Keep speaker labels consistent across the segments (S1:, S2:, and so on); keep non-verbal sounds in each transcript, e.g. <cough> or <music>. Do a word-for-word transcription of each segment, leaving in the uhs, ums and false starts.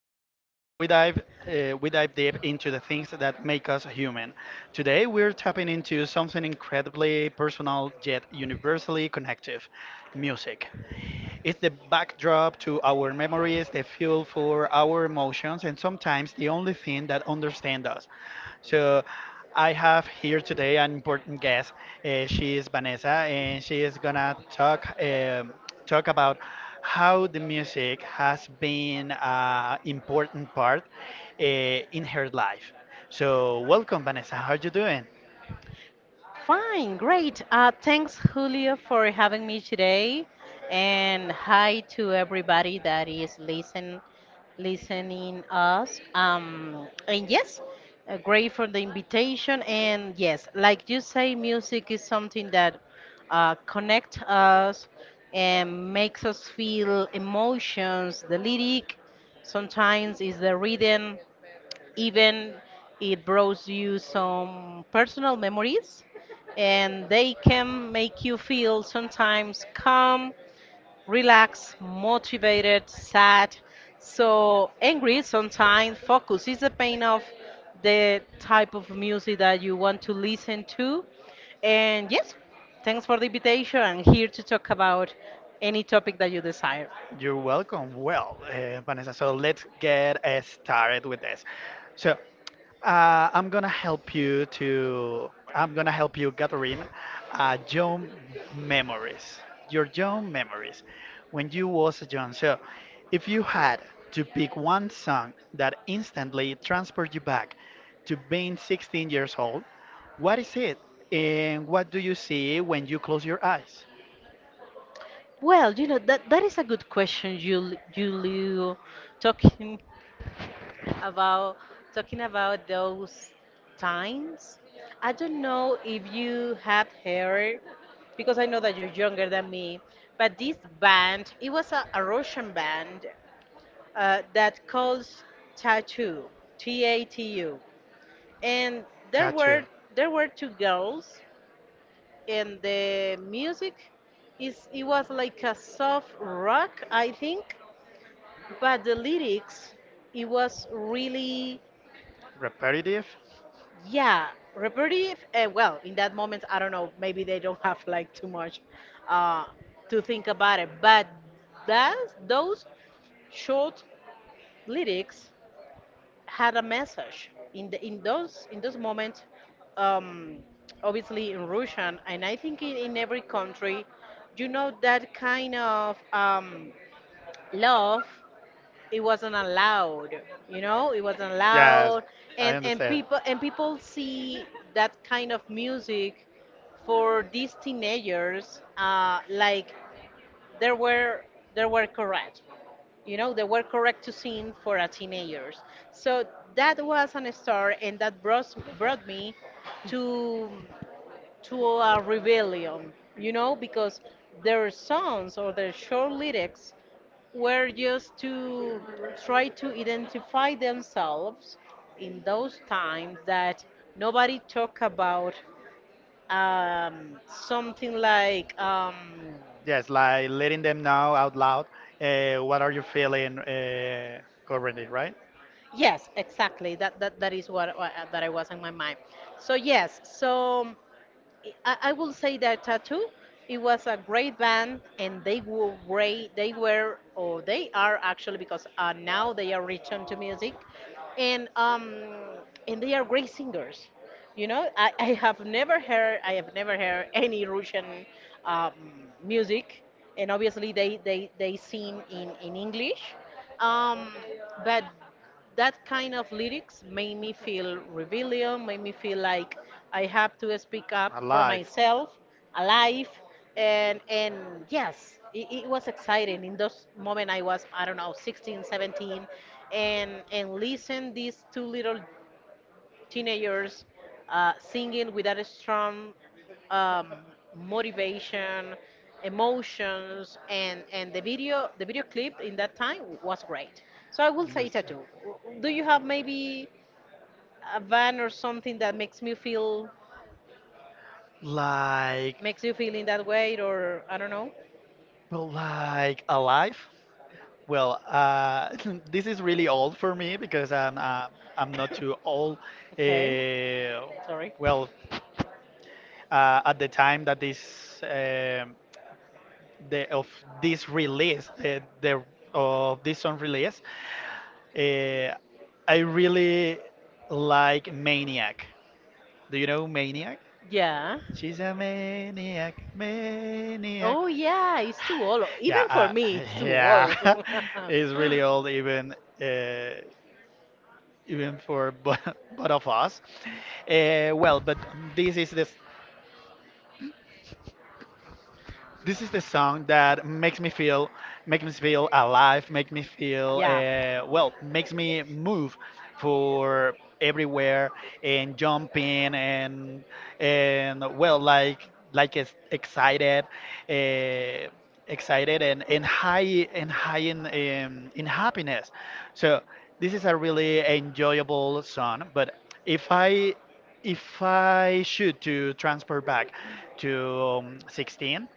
S1: show where we dive uh, we dive deep into the things that make us human. Today we're tapping into something incredibly personal yet universally connective, music. It's the backdrop to our memories, the fuel for our emotions, and sometimes the only thing that understands us. So I have here today an important guest. Uh, she is Vanessa, and she is gonna talk um talk about how the music has been an important part uh, in her life. So welcome, Vanessa. How are you doing?
S2: Fine, great. Uh, thanks, Julio, for having me today, and hi to everybody that is listen, listening us. Um, and yes, uh, great for the invitation. And yes, like you say, music is something that uh, connects us and makes us feel emotions. The lyric sometimes is the rhythm, even it brings you some personal memories, and they can make you feel sometimes calm, relaxed, motivated, sad, so angry sometimes. Focus is the pain of the type of music that you want to listen to. And yes, thanks for the invitation. I'm here to talk about any topic that you desire.
S1: You're welcome. Well, uh, Vanessa, so let's get uh, started with this. So, uh, I'm gonna help you to, I'm gonna help you gathering uh, young memories, your young memories when you was a young. So, if you had to pick one song that instantly transports you back to being sixteen years old, what is it? And what do you see when you close your eyes?
S2: Well, you know that that is a good question, Jul- Julio. Talking about Talking about those times. I don't know if you have heard, because I know that you're younger than me, but this band, it was a, a Russian band uh, that calls Tattoo, T A T U. And there were
S1: Tattoo.
S2: there were two girls and the music is it was like a soft rock, I think, but the lyrics it was really.
S1: Repetitive?
S2: Yeah, repetitive. Uh, well, in that moment, I don't know. Maybe they don't have like too much uh, to think about it. But that those short lyrics had a message in the in those in those moments. Um, Obviously in Russian, and I think in, in every country, you know that kind of um, love it wasn't allowed, you know, it wasn't
S1: Yes,
S2: allowed,
S1: I
S2: and and
S1: understand.
S2: people and people see that kind of music for these teenagers, uh, like they were they were correct, you know, they were correct to sing for a teenagers. So that was an start, and that brought, brought me to to a rebellion, you know, because their songs or their short lyrics were just to try to identify themselves in those times that nobody talk about um, something like um,
S1: Yes, like letting them know out loud uh, what are you feeling uh, currently, right?
S2: yes, exactly that, that that is what, what that I was in my mind. So yes, so I, I will say that Tattoo, it was a great band, and they were great. They were, or they are actually, because uh, now they are returned to music, and um, and they are great singers. You know, I, I have never heard, I have never heard any Russian um, music, and obviously they they they sing in in English, um, but that kind of lyrics made me feel rebellion, made me feel like I have to speak up for
S1: Alive.
S2: myself, alive, and and yes, it, it was exciting. In those moment, I was I don't know sixteen, seventeen, and and listen these two little teenagers uh, singing with that strong um, motivation, emotions, and and the video the video clip in that time was great. So I will say
S1: Understand.
S2: tattoo. Do you have maybe a van or something that makes me feel
S1: Like,
S2: makes you feel in that way, or I don't know?
S1: well, like alive? Well, uh, <laughs> this is really old for me because I'm uh, I'm not too old.
S2: Okay,
S1: Uh,
S2: sorry.
S1: well, uh, at the time that this um the of this release, uh, the of this song release, uh, I really like Maniac. Do you know Maniac?
S2: Yeah.
S1: She's a maniac, maniac.
S2: Oh yeah,
S1: <sighs>
S2: it's too old.
S1: Yeah,
S2: Even for
S1: uh,
S2: me, it's
S1: <laughs>
S2: too old.
S1: yeah, <laughs> it's really old even. Uh, even for <laughs> bo- both of us. Uh, well, but this is the s- this is the song that makes me feel, makes me feel
S2: <laughs>
S1: alive, makes me feel,
S2: Yeah.
S1: uh, well, makes me move for everywhere and jumping and and well, like like it's excited, uh, excited and and high and high in um, in happiness. So this is a really enjoyable song. But if I if I should to transfer back to um, sixteen,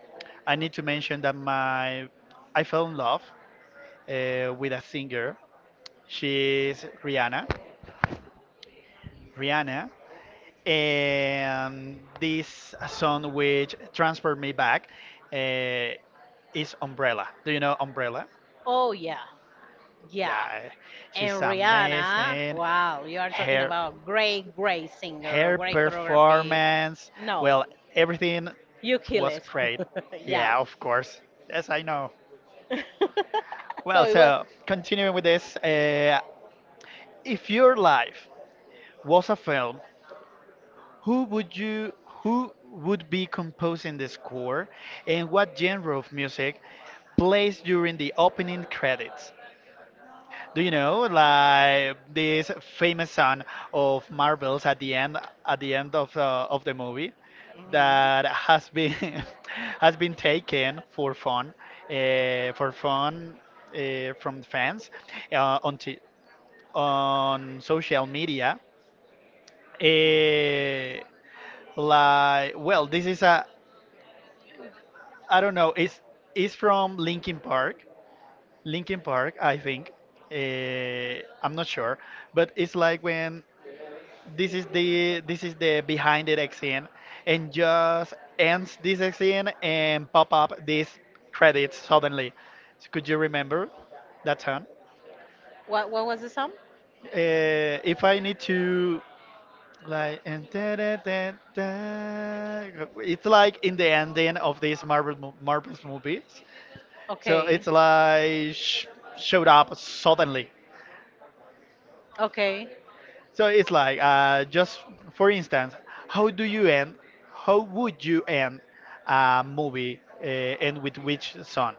S1: I need to mention that my I fell in love uh, with a singer. She's Rihanna. Rihanna, and this song which transferred me back uh, is Umbrella. Do you know Umbrella?
S2: Oh yeah. Yeah.
S1: Yeah,
S2: And
S1: she's
S2: Rihanna,
S1: amazing.
S2: wow, you are talking
S1: Her
S2: about great, great singer,
S1: her
S2: great choreography.
S1: performance,
S2: No,
S1: well, everything
S2: you kill
S1: was
S2: it.
S1: great.
S2: <laughs> yeah.
S1: Yeah, of course. Yes, I know.
S2: <laughs> So
S1: Well,
S2: it was.
S1: so continuing with this, uh, if your life was a film, who would you who would be composing the score, and what genre of music plays during the opening credits? Do you know like this famous song of Marvels at the end at the end of uh, of the movie
S2: Mhm.
S1: that has been <laughs> has been taken for fun uh, for fun uh, from fans uh, on t- on social media. Eh, like, well, this is a, I don't know, it's, it's from Linkin Park. Linkin Park, I think. Eh, I'm not sure, but it's like when this is the this is the behind the scene and just ends this scene and pop up these credits suddenly. Could you remember that song?
S2: What what was the sum?
S1: Uh, if I need to Like and da, da, da, da. It's like in the ending of these Marvel mo- Marvel's movies, so
S2: Okay.
S1: it's like sh showed up suddenly.
S2: Okay.
S1: So it's like uh, just for instance, how do you end? How would you end a movie uh, and with which song?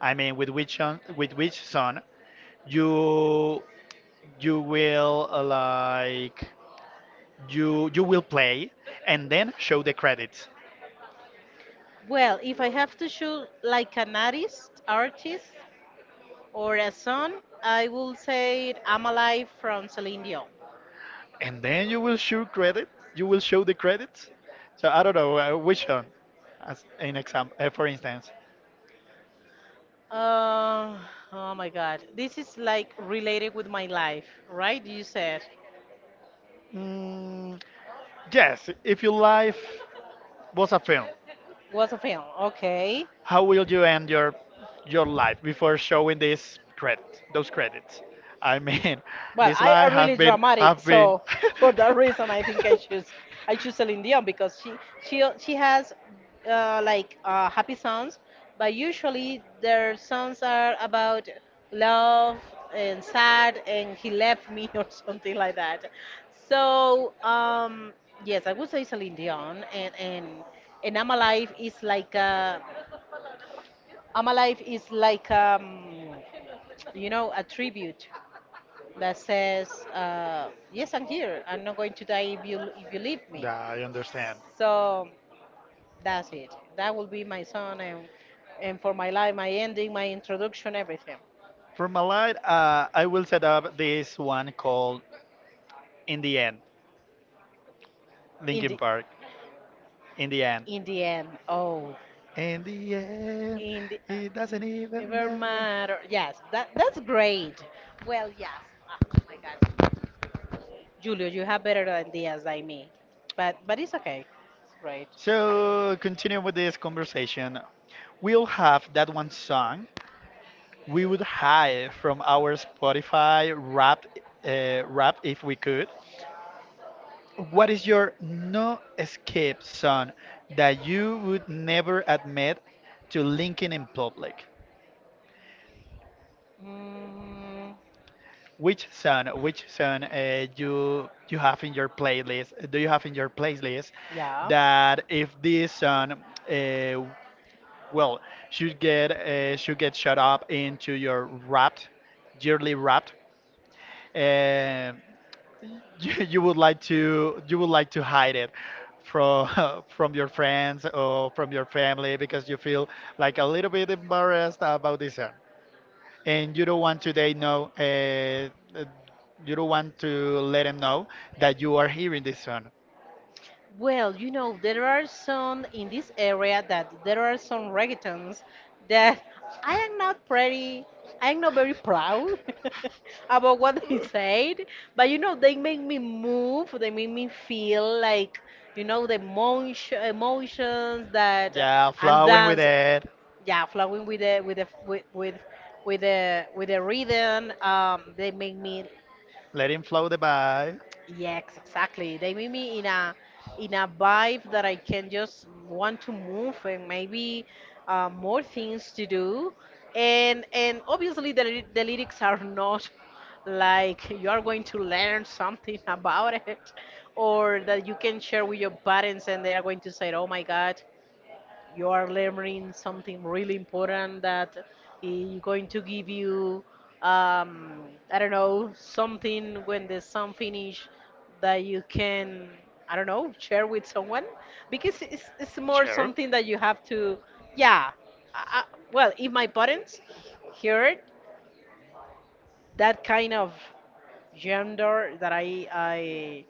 S1: I mean, with which song, with which song you you will uh, like you you will play and then show the credits.
S2: Well, if I have to shoot like an artist, artist or a song, I will say I'm Alive from Celine Dion.
S1: And then you will show credit. You will show the credits. So I don't know uh, which one, as an example, uh, for instance.
S2: Uh, oh my God. This is like related with my life, right? You said
S1: Mm, yes, if your life was a film,
S2: was a film. Okay.
S1: how will you end your your life before showing this credit, those credits? I mean, <laughs>
S2: Well,
S1: this
S2: I
S1: life
S2: are really
S1: have been
S2: dramatic,
S1: have been.
S2: so for that reason, I think I choose I choose Celine Dion because she she she has uh, like uh, happy songs, but
S1: <laughs> <laughs>
S2: usually their songs are about love and sad and he left me <laughs> or something like that. So um, yes, I would say Celine Dion, and and and I'm Alive is like a I'm Alive is
S1: <laughs>
S2: like um, you know, a tribute that says, uh, "Yes, I'm here. I'm not going to die if you if you leave me."
S1: Yeah, I understand.
S2: So that's it. That will be my son, and and for my life, my ending, my introduction, everything.
S1: From my life, uh, I will set up this one called In the End,
S2: In
S1: Linkin
S2: the
S1: Park. In the End.
S2: in the end, oh,
S1: In the End,
S2: in the uh,
S1: it
S2: n-
S1: doesn't even
S2: never
S1: matter.
S2: matter. Yes, that that's great. Well, yes. Ah, oh my God, Julio, you have better ideas than me, but but it's okay. It's great.
S1: So, continuing with this conversation, we'll have that one song we would hide from our Spotify rap, uh, rap if we could. What is your no escape song that you would never admit to linking in public?
S2: Mm.
S1: Which song, which song uh, you you have in your playlist? Do you have in your playlist that if this song uh, well, should get uh, should get shut up into your wrapped yearly wrapped. Uh, <laughs> you, you would like to you would like to hide it from <laughs> from your friends or from your family because you feel like a little bit embarrassed about this one, and you don't want to they know. Uh, uh, you don't want to let them know that you are hearing this one.
S2: Well, you know, there are some in this area that there are some reggaetons that I am not pretty, I am not very proud <laughs> about what they said, but you know, they make me move, they make me feel like, you know, the emotion, emotions that
S1: Yeah,
S2: and
S1: flowing with
S2: dance,
S1: it.
S2: yeah, flowing with the with the with with with the with the rhythm. Um, they make me.
S1: Let him flow the vibe.
S2: Yes, exactly. They make me in a in a vibe that I can just want to move and maybe uh, more things to do. And and obviously the ly- the lyrics are not <laughs> like you are going to learn something <laughs> about it, or that you can share with your parents and they are going to say, "Oh my God, you are learning something really important that is going to give you, um, I don't know, something when the exam finish that you can, I don't know, share with someone because it's, it's more
S1: Sure.
S2: something that you have to, yeah. I, I, well, if my parents heard that kind of genre that I I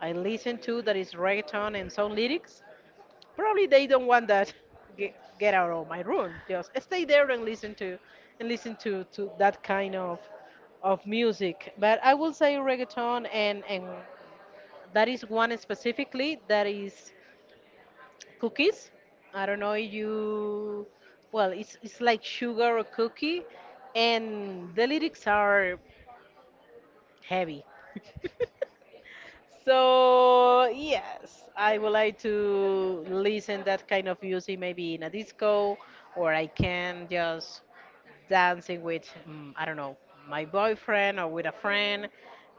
S2: I listen to, that is reggaeton and soul lyrics, probably they don't want that. Get, get out of my room. Just stay there and listen to, and listen to, to that kind of, of music. But I will say reggaeton, and and that is one specifically that is cookies. I don't know if you. Well, it's it's like sugar or cookie, and the lyrics are heavy. So yes, I would like to listen that kind of music maybe in a disco, or I can just dancing with mm, I don't know, my boyfriend or with a friend,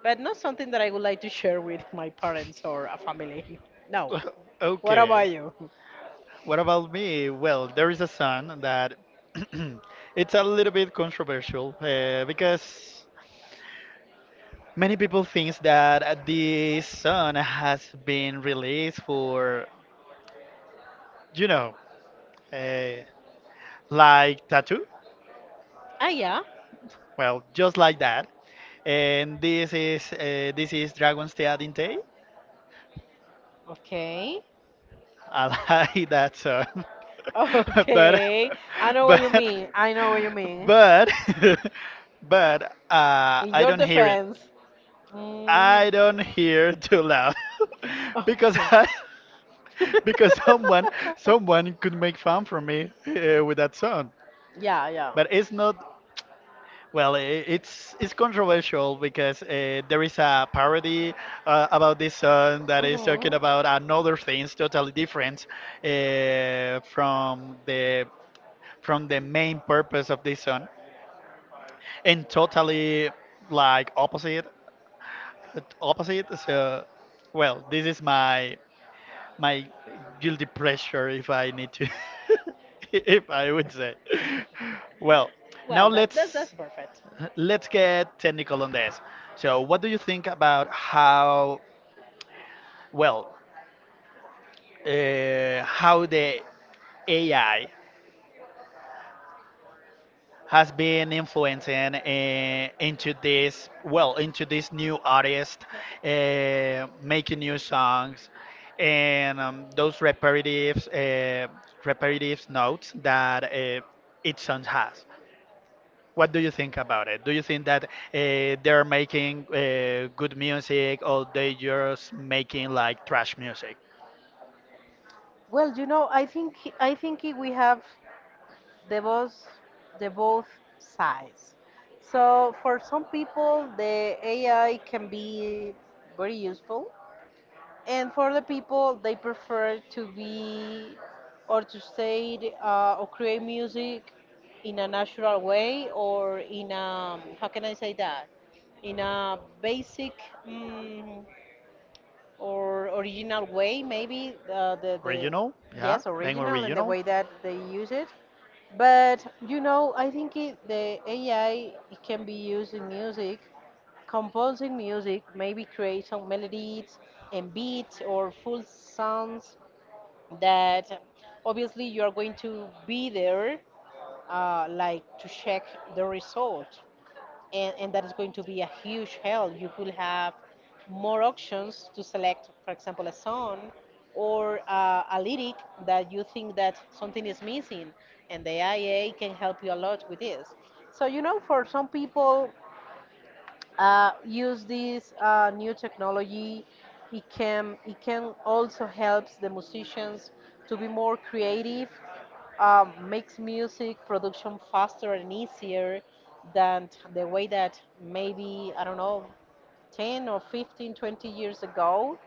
S2: but not something that I would like to share with my parents or a family. <laughs> No.
S1: <laughs>
S2: What
S1: Okay.
S2: about you?
S1: What about me? Well, there is a song that <clears throat> it's a little bit controversial uh, because many people think that this song has been released for, you know, uh, like tattoo.
S2: Ah yeah.
S1: Well, just like that. And this is uh, this is Dragon's Teatinte. Day.
S2: Okay.
S1: I like that song,
S2: <laughs>
S1: <laughs> but
S2: Okay. I know what you
S1: but
S2: mean. I know what you mean.
S1: but <laughs> but uh,
S2: In
S1: I
S2: your
S1: don't hear it.
S2: defense.
S1: I don't
S2: Mm,
S1: hear too loud <laughs> because
S2: okay.
S1: I,
S2: <laughs> <laughs>
S1: <laughs>
S2: because
S1: because someone someone could make fun from me uh, with that song.
S2: <laughs> yeah, yeah.
S1: But it's not. Well, i- it's it's controversial because uh, there is a parody uh, about this song that is
S2: Mhm.
S1: talking about another things totally different uh, from the from the main purpose of this song, and totally like opposite opposite. So, well, this is my my guilty pleasure if I need to, <laughs> if I would say.
S2: <laughs>
S1: Well, now
S2: Let that's
S1: let's
S2: perfect.
S1: let's get technical on this. So, what do you think about how, well, uh, how the A I has been influencing uh, into this, well, into this new artist, uh, making new songs, and um, those repetitive, uh, repetitive notes that uh, each song has. What do you think about it? Do you think that uh, they're making uh, good music or they just making like trash music?
S2: Well, you know, I think I think i- we have the both the both sides. So for some people the A I can be very useful, and for the people they prefer to be or to say, uh, or create music in a natural way or in a how can I say that in a basic mm or original way, maybe uh, the the
S1: Original, yeah,
S2: yes
S1: being
S2: original and the
S1: original.
S2: way that they use it. But you know, I think it, the A I it can be used in music, composing music, maybe create some melodies and beats or full sounds that obviously you are going to be there, uh, like to check the result, and, and that is going to be a huge help. You could have more options to select, for example, a song or uh, a lyric that you think that something is missing, and the I A can help you a lot with this. So you know, for some people, uh, use this uh, new technology. It can it can also helps the musicians to be more creative, um, makes music production faster and easier than t- the way that maybe, I don't know, ten or fifteen, twenty years ago.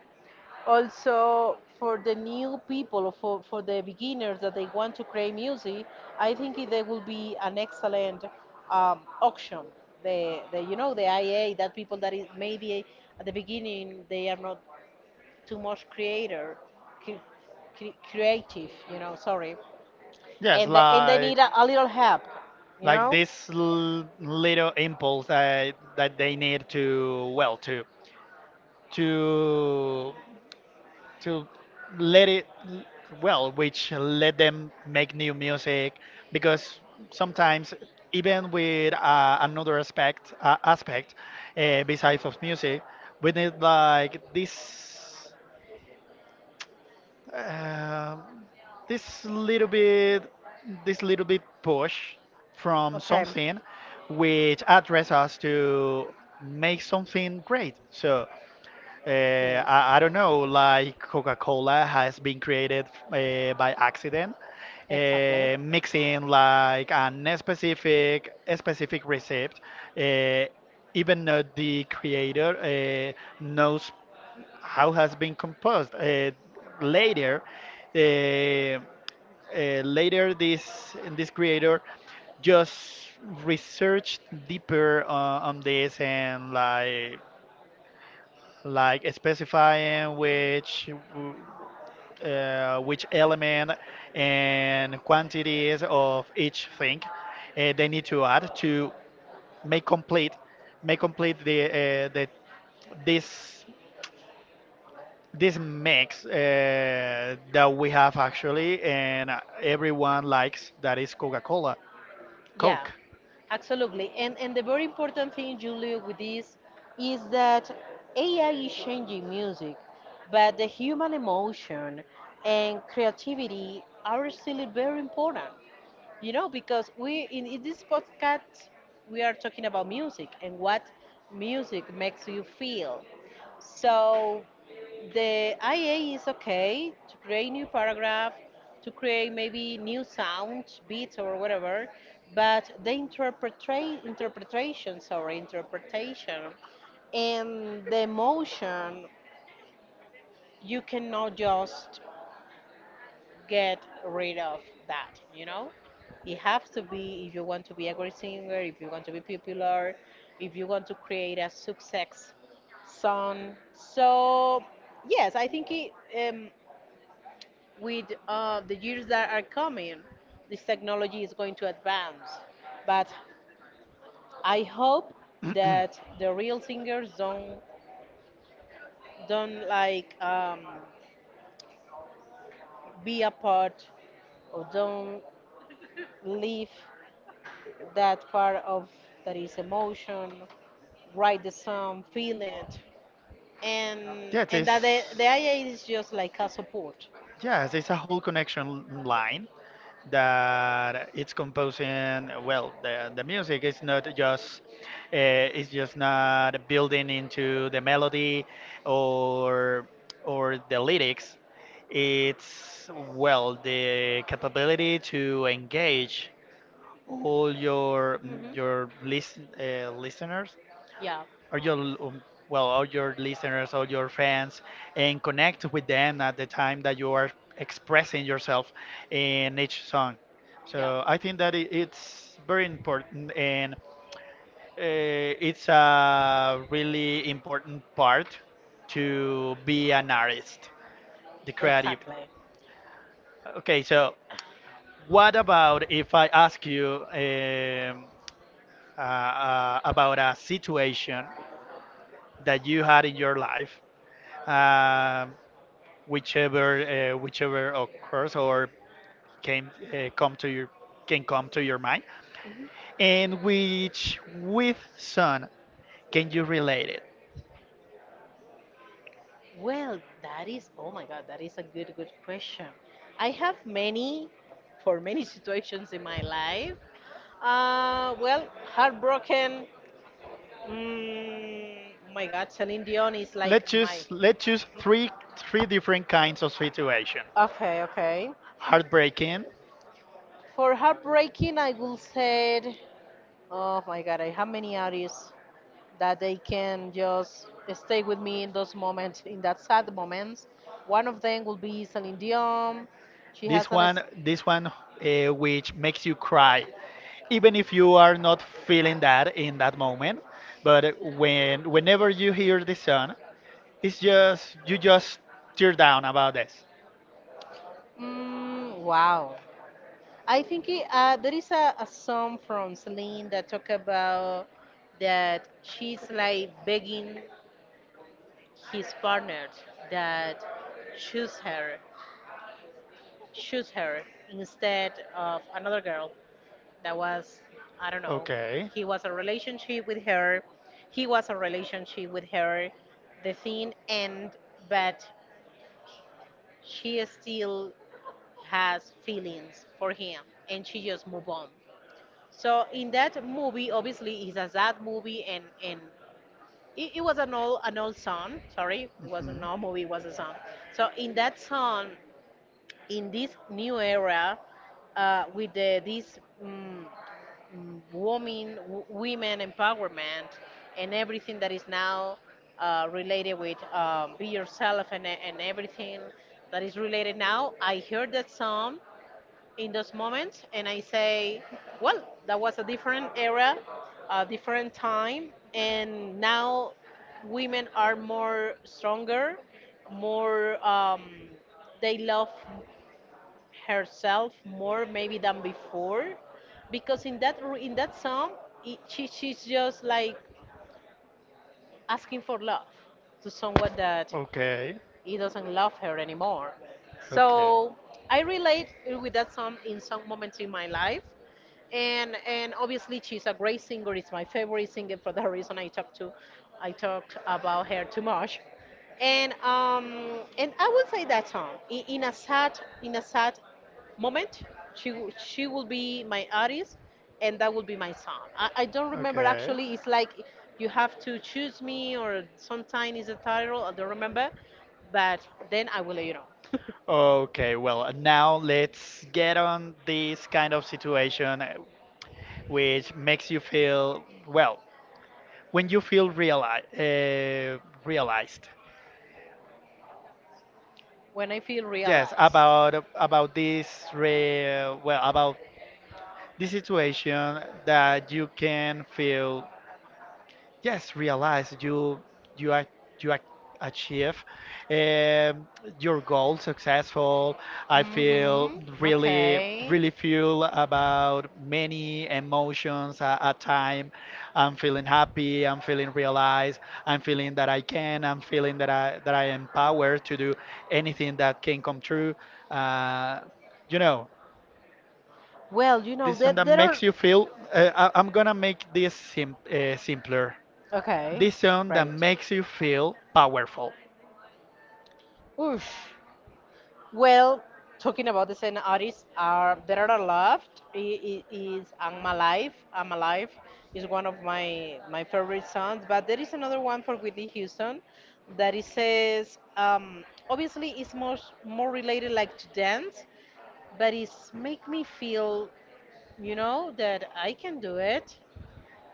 S2: Also, for the new people, or for, for the beginners that they want to create music, I think it- they will be an excellent um, auction. The, the, you know, the I A, that people that is maybe at the beginning they are not too much creator, cre- cre- creative, you know, sorry,
S1: Yes,
S2: and they, and they need
S1: like
S2: a, a little help, you
S1: like
S2: know?
S1: this l- little impulse that that they need to well to to to let it well which let them make new music because sometimes even with uh, another aspect uh, aspect uh, besides of music we need like this um this little bit this little bit push from
S2: Okay.
S1: something which address us to make something great so uh,
S2: Yes.
S1: I, I don't know, like Coca-Cola has been created uh, by accident,
S2: Exactly.
S1: uh, mixing like an specific a specific recipe. Uh, even though the creator uh, knows how has been composed. Uh, later, uh, uh, later this this creator just researched deeper uh, on this and like like specifying which w- uh, which element and quantities of each thing uh, they need to add to make complete make complete the uh, the this this mix uh, that we have actually and everyone likes that is Coca-Cola
S2: Yeah,
S1: Coke.
S2: absolutely. And and the very important thing, Julio, with this is that A I is changing music, but the human emotion and creativity are still very important. You know, because we in, in this podcast we are talking about music and what music makes you feel. So the I A is okay to create new paragraph, to create maybe new sounds, beats or whatever, but the interpreta- interpretation, sorry, interpretation and the emotion you cannot just get rid of that, you know? It has to be if you want to be a great singer, if you want to be popular, if you want to create a success song. So, yes, I think it, um, with uh, the years that are coming, this technology is going to advance. But I hope
S1: <clears throat> Yeah,
S2: that the real singers don't don't like um, be a part or don't leave that part of that is emotion, write the song, feel it, and
S1: it
S2: and
S1: is
S2: that the, the I A is just like a support.
S1: yes, it's a whole connection line that it's composing. Well, the, the music is not just uh, it's just not building into the melody or or the lyrics. It's well the capability to engage all your
S2: Hmm
S1: your listen, uh, listeners
S2: Yeah,
S1: or your um, well all your listeners all your fans and connect with them at the time that you are expressing yourself in each song
S2: yeah,
S1: so I think that it, it's very important and uh, it's a really important part to be an artist the creativity.
S2: exactly.
S1: Okay so what about if I ask you um, uh, uh, about a situation that you had in your life um, whichever uh, whichever occurs or came uh, come to your can come to your mind,
S2: Mhm.
S1: and which with sun can you relate it?
S2: Well, that is, oh my God, that is a good, good question. I have many, for many <laughs> situations in my life. Uh, well, heartbroken. Mm, my God, Celine Dion is
S1: Let's
S2: like my.
S1: choose let's choose three three different kinds of situation.
S2: Okay, okay.
S1: Heartbreaking.
S2: For heartbreaking, I will say, oh my God, I have many artists that they can just stay with me in those moments, in that sad moments. One of them will be Celine Dion. She has
S1: This
S2: an. Es-
S1: one this one uh, which makes you cry, even if you are not feeling that in that moment. But when whenever you hear the sun, it's just you just tear down about this.
S2: Mm, wow. I think it, uh, there is a, a song from Celine that talk about that she's like begging his partner that choose her, choose her instead of another girl that was, I don't know,
S1: Okay.
S2: he was a relationship with her, he was a relationship with her, the thing end, but she still has feelings for him and she just move on. So in that movie, obviously, it's a sad movie, and and it, it was an old an old song. Sorry, it was an
S1: Mhm.
S2: old movie. It was a song. So in that song, in this new era uh, with the, this mm, mm, woman w- women empowerment and everything that is now uh, related with um, be yourself and, and everything that is related now I heard that song in those moments and I say, well, that was a different era, a different time, and now women are more stronger, more um, they love herself more maybe than before, because in that r- in that song it, she, she's just like asking for love to someone that
S1: Okay.
S2: he doesn't love her anymore. So I relate with that song in some moments in my life, and and obviously she's a great singer. It's my
S1: Okay.
S2: favorite singer. For that reason I talk to, I talked about her too much. And um and I would say that song I- in a sad, in a sad moment, she w- she will be my artist and that will be my song. I, I don't remember
S1: Okay.
S2: actually. It's like, you have to choose me or sometimes. It's a title I don't remember, but then I will let you know.
S1: Okay, well, now let's get on this kind of situation uh, which makes you feel, well, when you feel reali uh, realized.
S2: <laughs> When I feel
S1: Yes,
S2: realized.
S1: about about this re well about this situation that you can feel yes realize you you ac- you ac- achieve um, your goal successful I feel really
S2: Okay.
S1: really feel about many emotions at, at time I'm feeling happy I'm feeling realized i'm feeling that i can I'm feeling that i that I am empowered to do anything that can come true uh, you know
S2: Well, you know,
S1: this
S2: there,
S1: one that
S2: there are.
S1: makes you feel uh, I, I'm gonna make this sim- uh, simpler the
S2: Okay.
S1: song that
S2: Right.
S1: makes you feel powerful.
S2: Oosh. Well, talking about the same artists, are there are a lot. It is "I'm Alive." "I'm Alive" is one of my my favorite songs, but there is another one for Whitney Houston that it says, um, obviously it's more, more related like to dance, but it's make me feel, you know, that I can do it.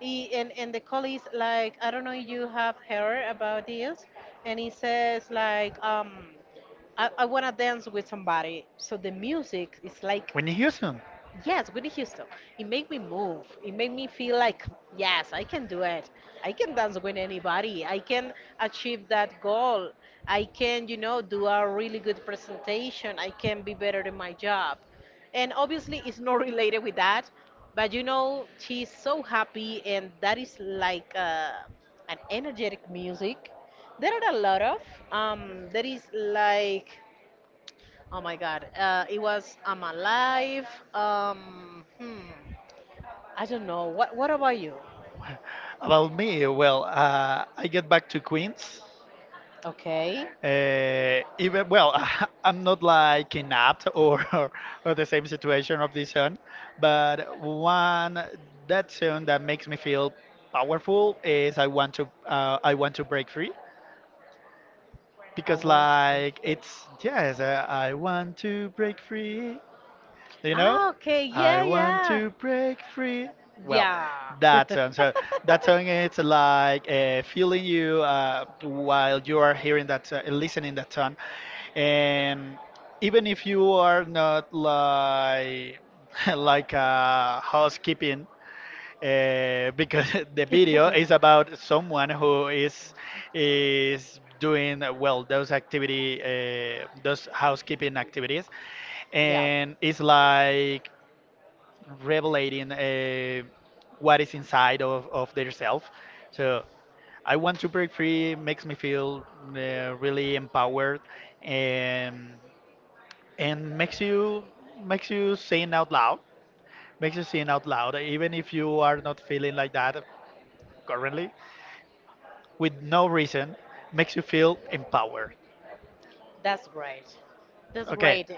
S2: I- and and the call is like, I don't know if you have heard about this, and it says like um I, I wanna dance with somebody. So the music is like.
S1: Whitney Houston.
S2: Yes, Whitney Houston. It made me move. It made me feel like, yes, I can do it. I can dance with anybody. I can achieve that goal. I can, you know, do a really good presentation. I can be better in my job. And obviously, it's not <laughs> related with that. But, you know, she's so happy, and that is like uh, an energetic music. There are a lot of. Um, there is like, oh my God. Uh, it was I'm alive. Um, hmm. I don't know. What What about you?
S1: About me, well, uh, I get back to Queens.
S2: Okay.
S1: Uh, even well, <laughs> I'm not like kidnapped or <laughs> or the same situation of this song, but one that song that makes me feel powerful is I want to uh, I want to break free
S2: I
S1: because
S2: want to
S1: like
S2: first.
S1: it's yes uh, I want to break free. You know?
S2: Ah, okay.
S1: I
S2: Yeah,
S1: want
S2: yeah.
S1: to break free. Well,
S2: Yeah.
S1: that song. So that song it's like uh, feeling you uh, while you are hearing that, uh, listening that song, and even if you are not like <laughs> like uh, housekeeping uh, because <laughs> the video is about someone who is is doing uh, well those activity uh, those
S2: <laughs> <laughs>
S1: housekeeping activities
S2: Yeah,
S1: and it's like revelating uh, what is inside of, of their self so I want to break free makes me feel uh, really empowered and and makes you makes you sing out loud makes you sing out loud even if you are not feeling like that currently with no reason makes you feel empowered.
S2: that's great. That's
S1: Okay,
S2: great.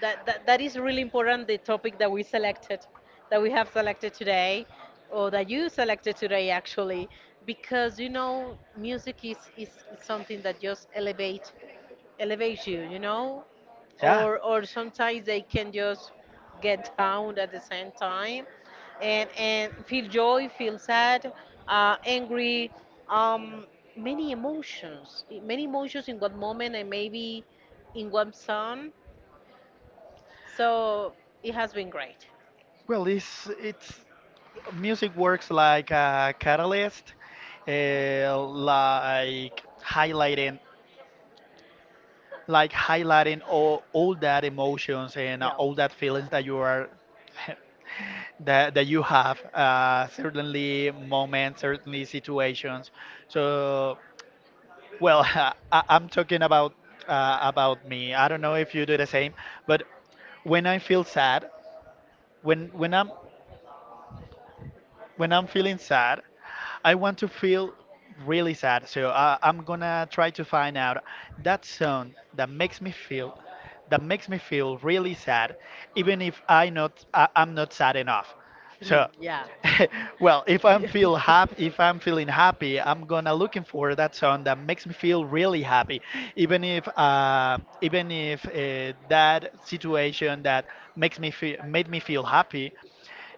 S2: That, that, that is really important, the topic that we selected, that we have selected today, or that you selected today actually, because you know, music is, is, is something that just elevate, elevates you, you know?
S1: yeah.
S2: or or sometimes they can just get down at the same time and and feel joy, feel sad, uh, angry, um many emotions, many emotions in one moment and maybe in one song. So it has been great.
S1: Well, it's it's music works like a catalyst, uh, like highlighting like highlighting all all that emotions and uh,
S2: Yeah.
S1: all that feelings that you are <laughs> that that you have uh, certainly moments certainly situations so well <laughs> I, I'm talking about uh, about me I don't know if you do the same but when i feel sad when when i'm when I'm feeling sad, I want to feel really sad. So I, I'm gonna try to find out that song that makes me feel that makes me feel really sad, even if I not I, I'm not sad enough. So,
S2: <laughs> <laughs> Yeah.
S1: <laughs> well, if I'm
S2: Yeah.
S1: feel happy, if I'm
S2: <laughs>
S1: feeling happy, I'm gonna looking for that song that makes me feel really happy, even if uh, even if uh, that situation that makes me feel made me feel happy.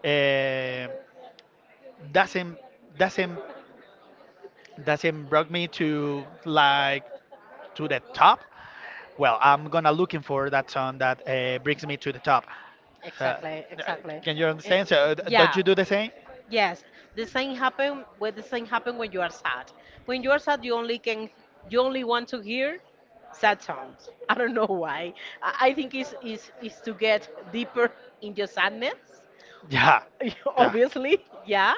S1: Uh, doesn't doesn't doesn't brought me to like to the top well I'm gonna looking for that song that uh, brings me to the top uh, uh,
S2: Exactly, exactly.
S1: can you
S2: Eh,
S1: understand so uh, d- don't
S2: yeah.
S1: you do the same?
S2: Yes, the same happen when the same happen when you are sad. When you are sad, you only can, you only want to hear sad songs. I don't know why. I, I think it's, it's, it's to get deeper in your sadness.
S1: <laughs> Yeah,
S2: <laughs>
S1: yeah,
S2: Obviously, yeah.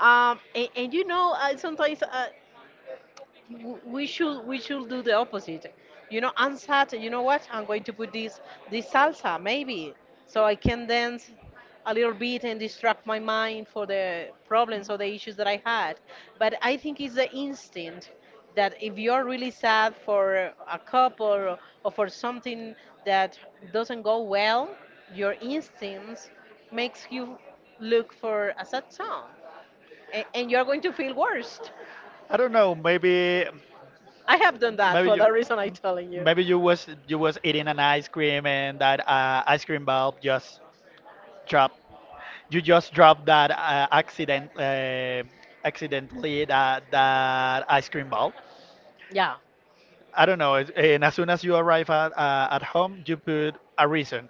S2: Um, and, and you know, uh, sometimes uh, w- we should we should do the opposite, you know, ansat, you know what? I'm going to put this, this salsa maybe, so I can dance a little bit and distract my mind for the problems or the issues that I had. But I think it's the instinct that if you're really sad for a couple, or, or for something that doesn't go well, your instincts makes you look for a sad song, and, and you're going to feel worse.
S1: I don't know maybe
S2: I have done that
S1: maybe
S2: for
S1: you
S2: the reason I'm telling you.
S1: maybe you was you was eating an ice cream and that uh, ice cream bulb just dropped you just dropped that uh, accident uh, accidentally that that ice cream ball.
S2: Yeah.
S1: I don't know. It's- And as soon as you arrive at uh, at home, you put a reason.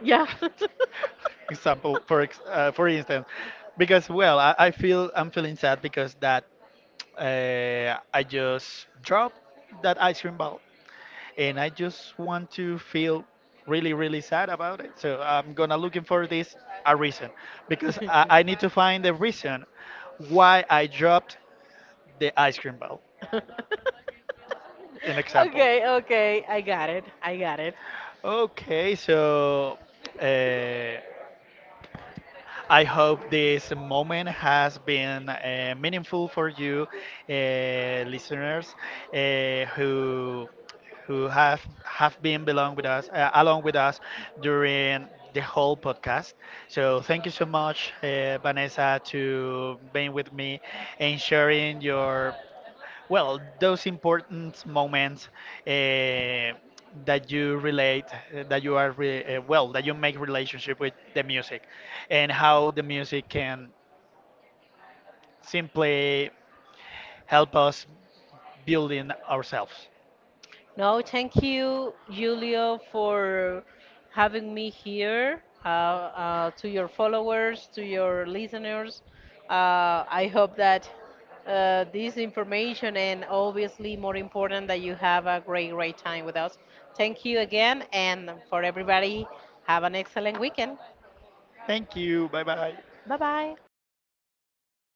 S2: Yeah. <laughs>
S1: <laughs> Example for ex- uh, for instance, because well, I, I feel I'm feeling sad because that uh, I just dropped that ice cream ball and I just want to feel really, really sad about it. So I'm gonna looking for this a reason because I, I
S2: <laughs>
S1: need to find the reason why I dropped the ice cream bell. An example.
S2: Okay, okay. I got it. I got it.
S1: Okay, so uh, I hope this moment has been uh, meaningful for you, uh, listeners, uh, who who have have been belong with us uh, along with us during the whole podcast. So thank you so much, uh, Vanessa, to being with me and sharing your well, those important moments eh, that you relate, eh, that you are re uh, well, that you make relationship with the music, and how the music can simply help us building ourselves.
S2: No, thank you, Julio, for having me here. Uh, uh, to your followers, to your listeners, uh, I hope that uh, this information, and obviously more important, that you have a great, great time with us. Thank you again, and for everybody, have an excellent weekend.
S1: Thank you. Bye bye.
S2: Bye bye.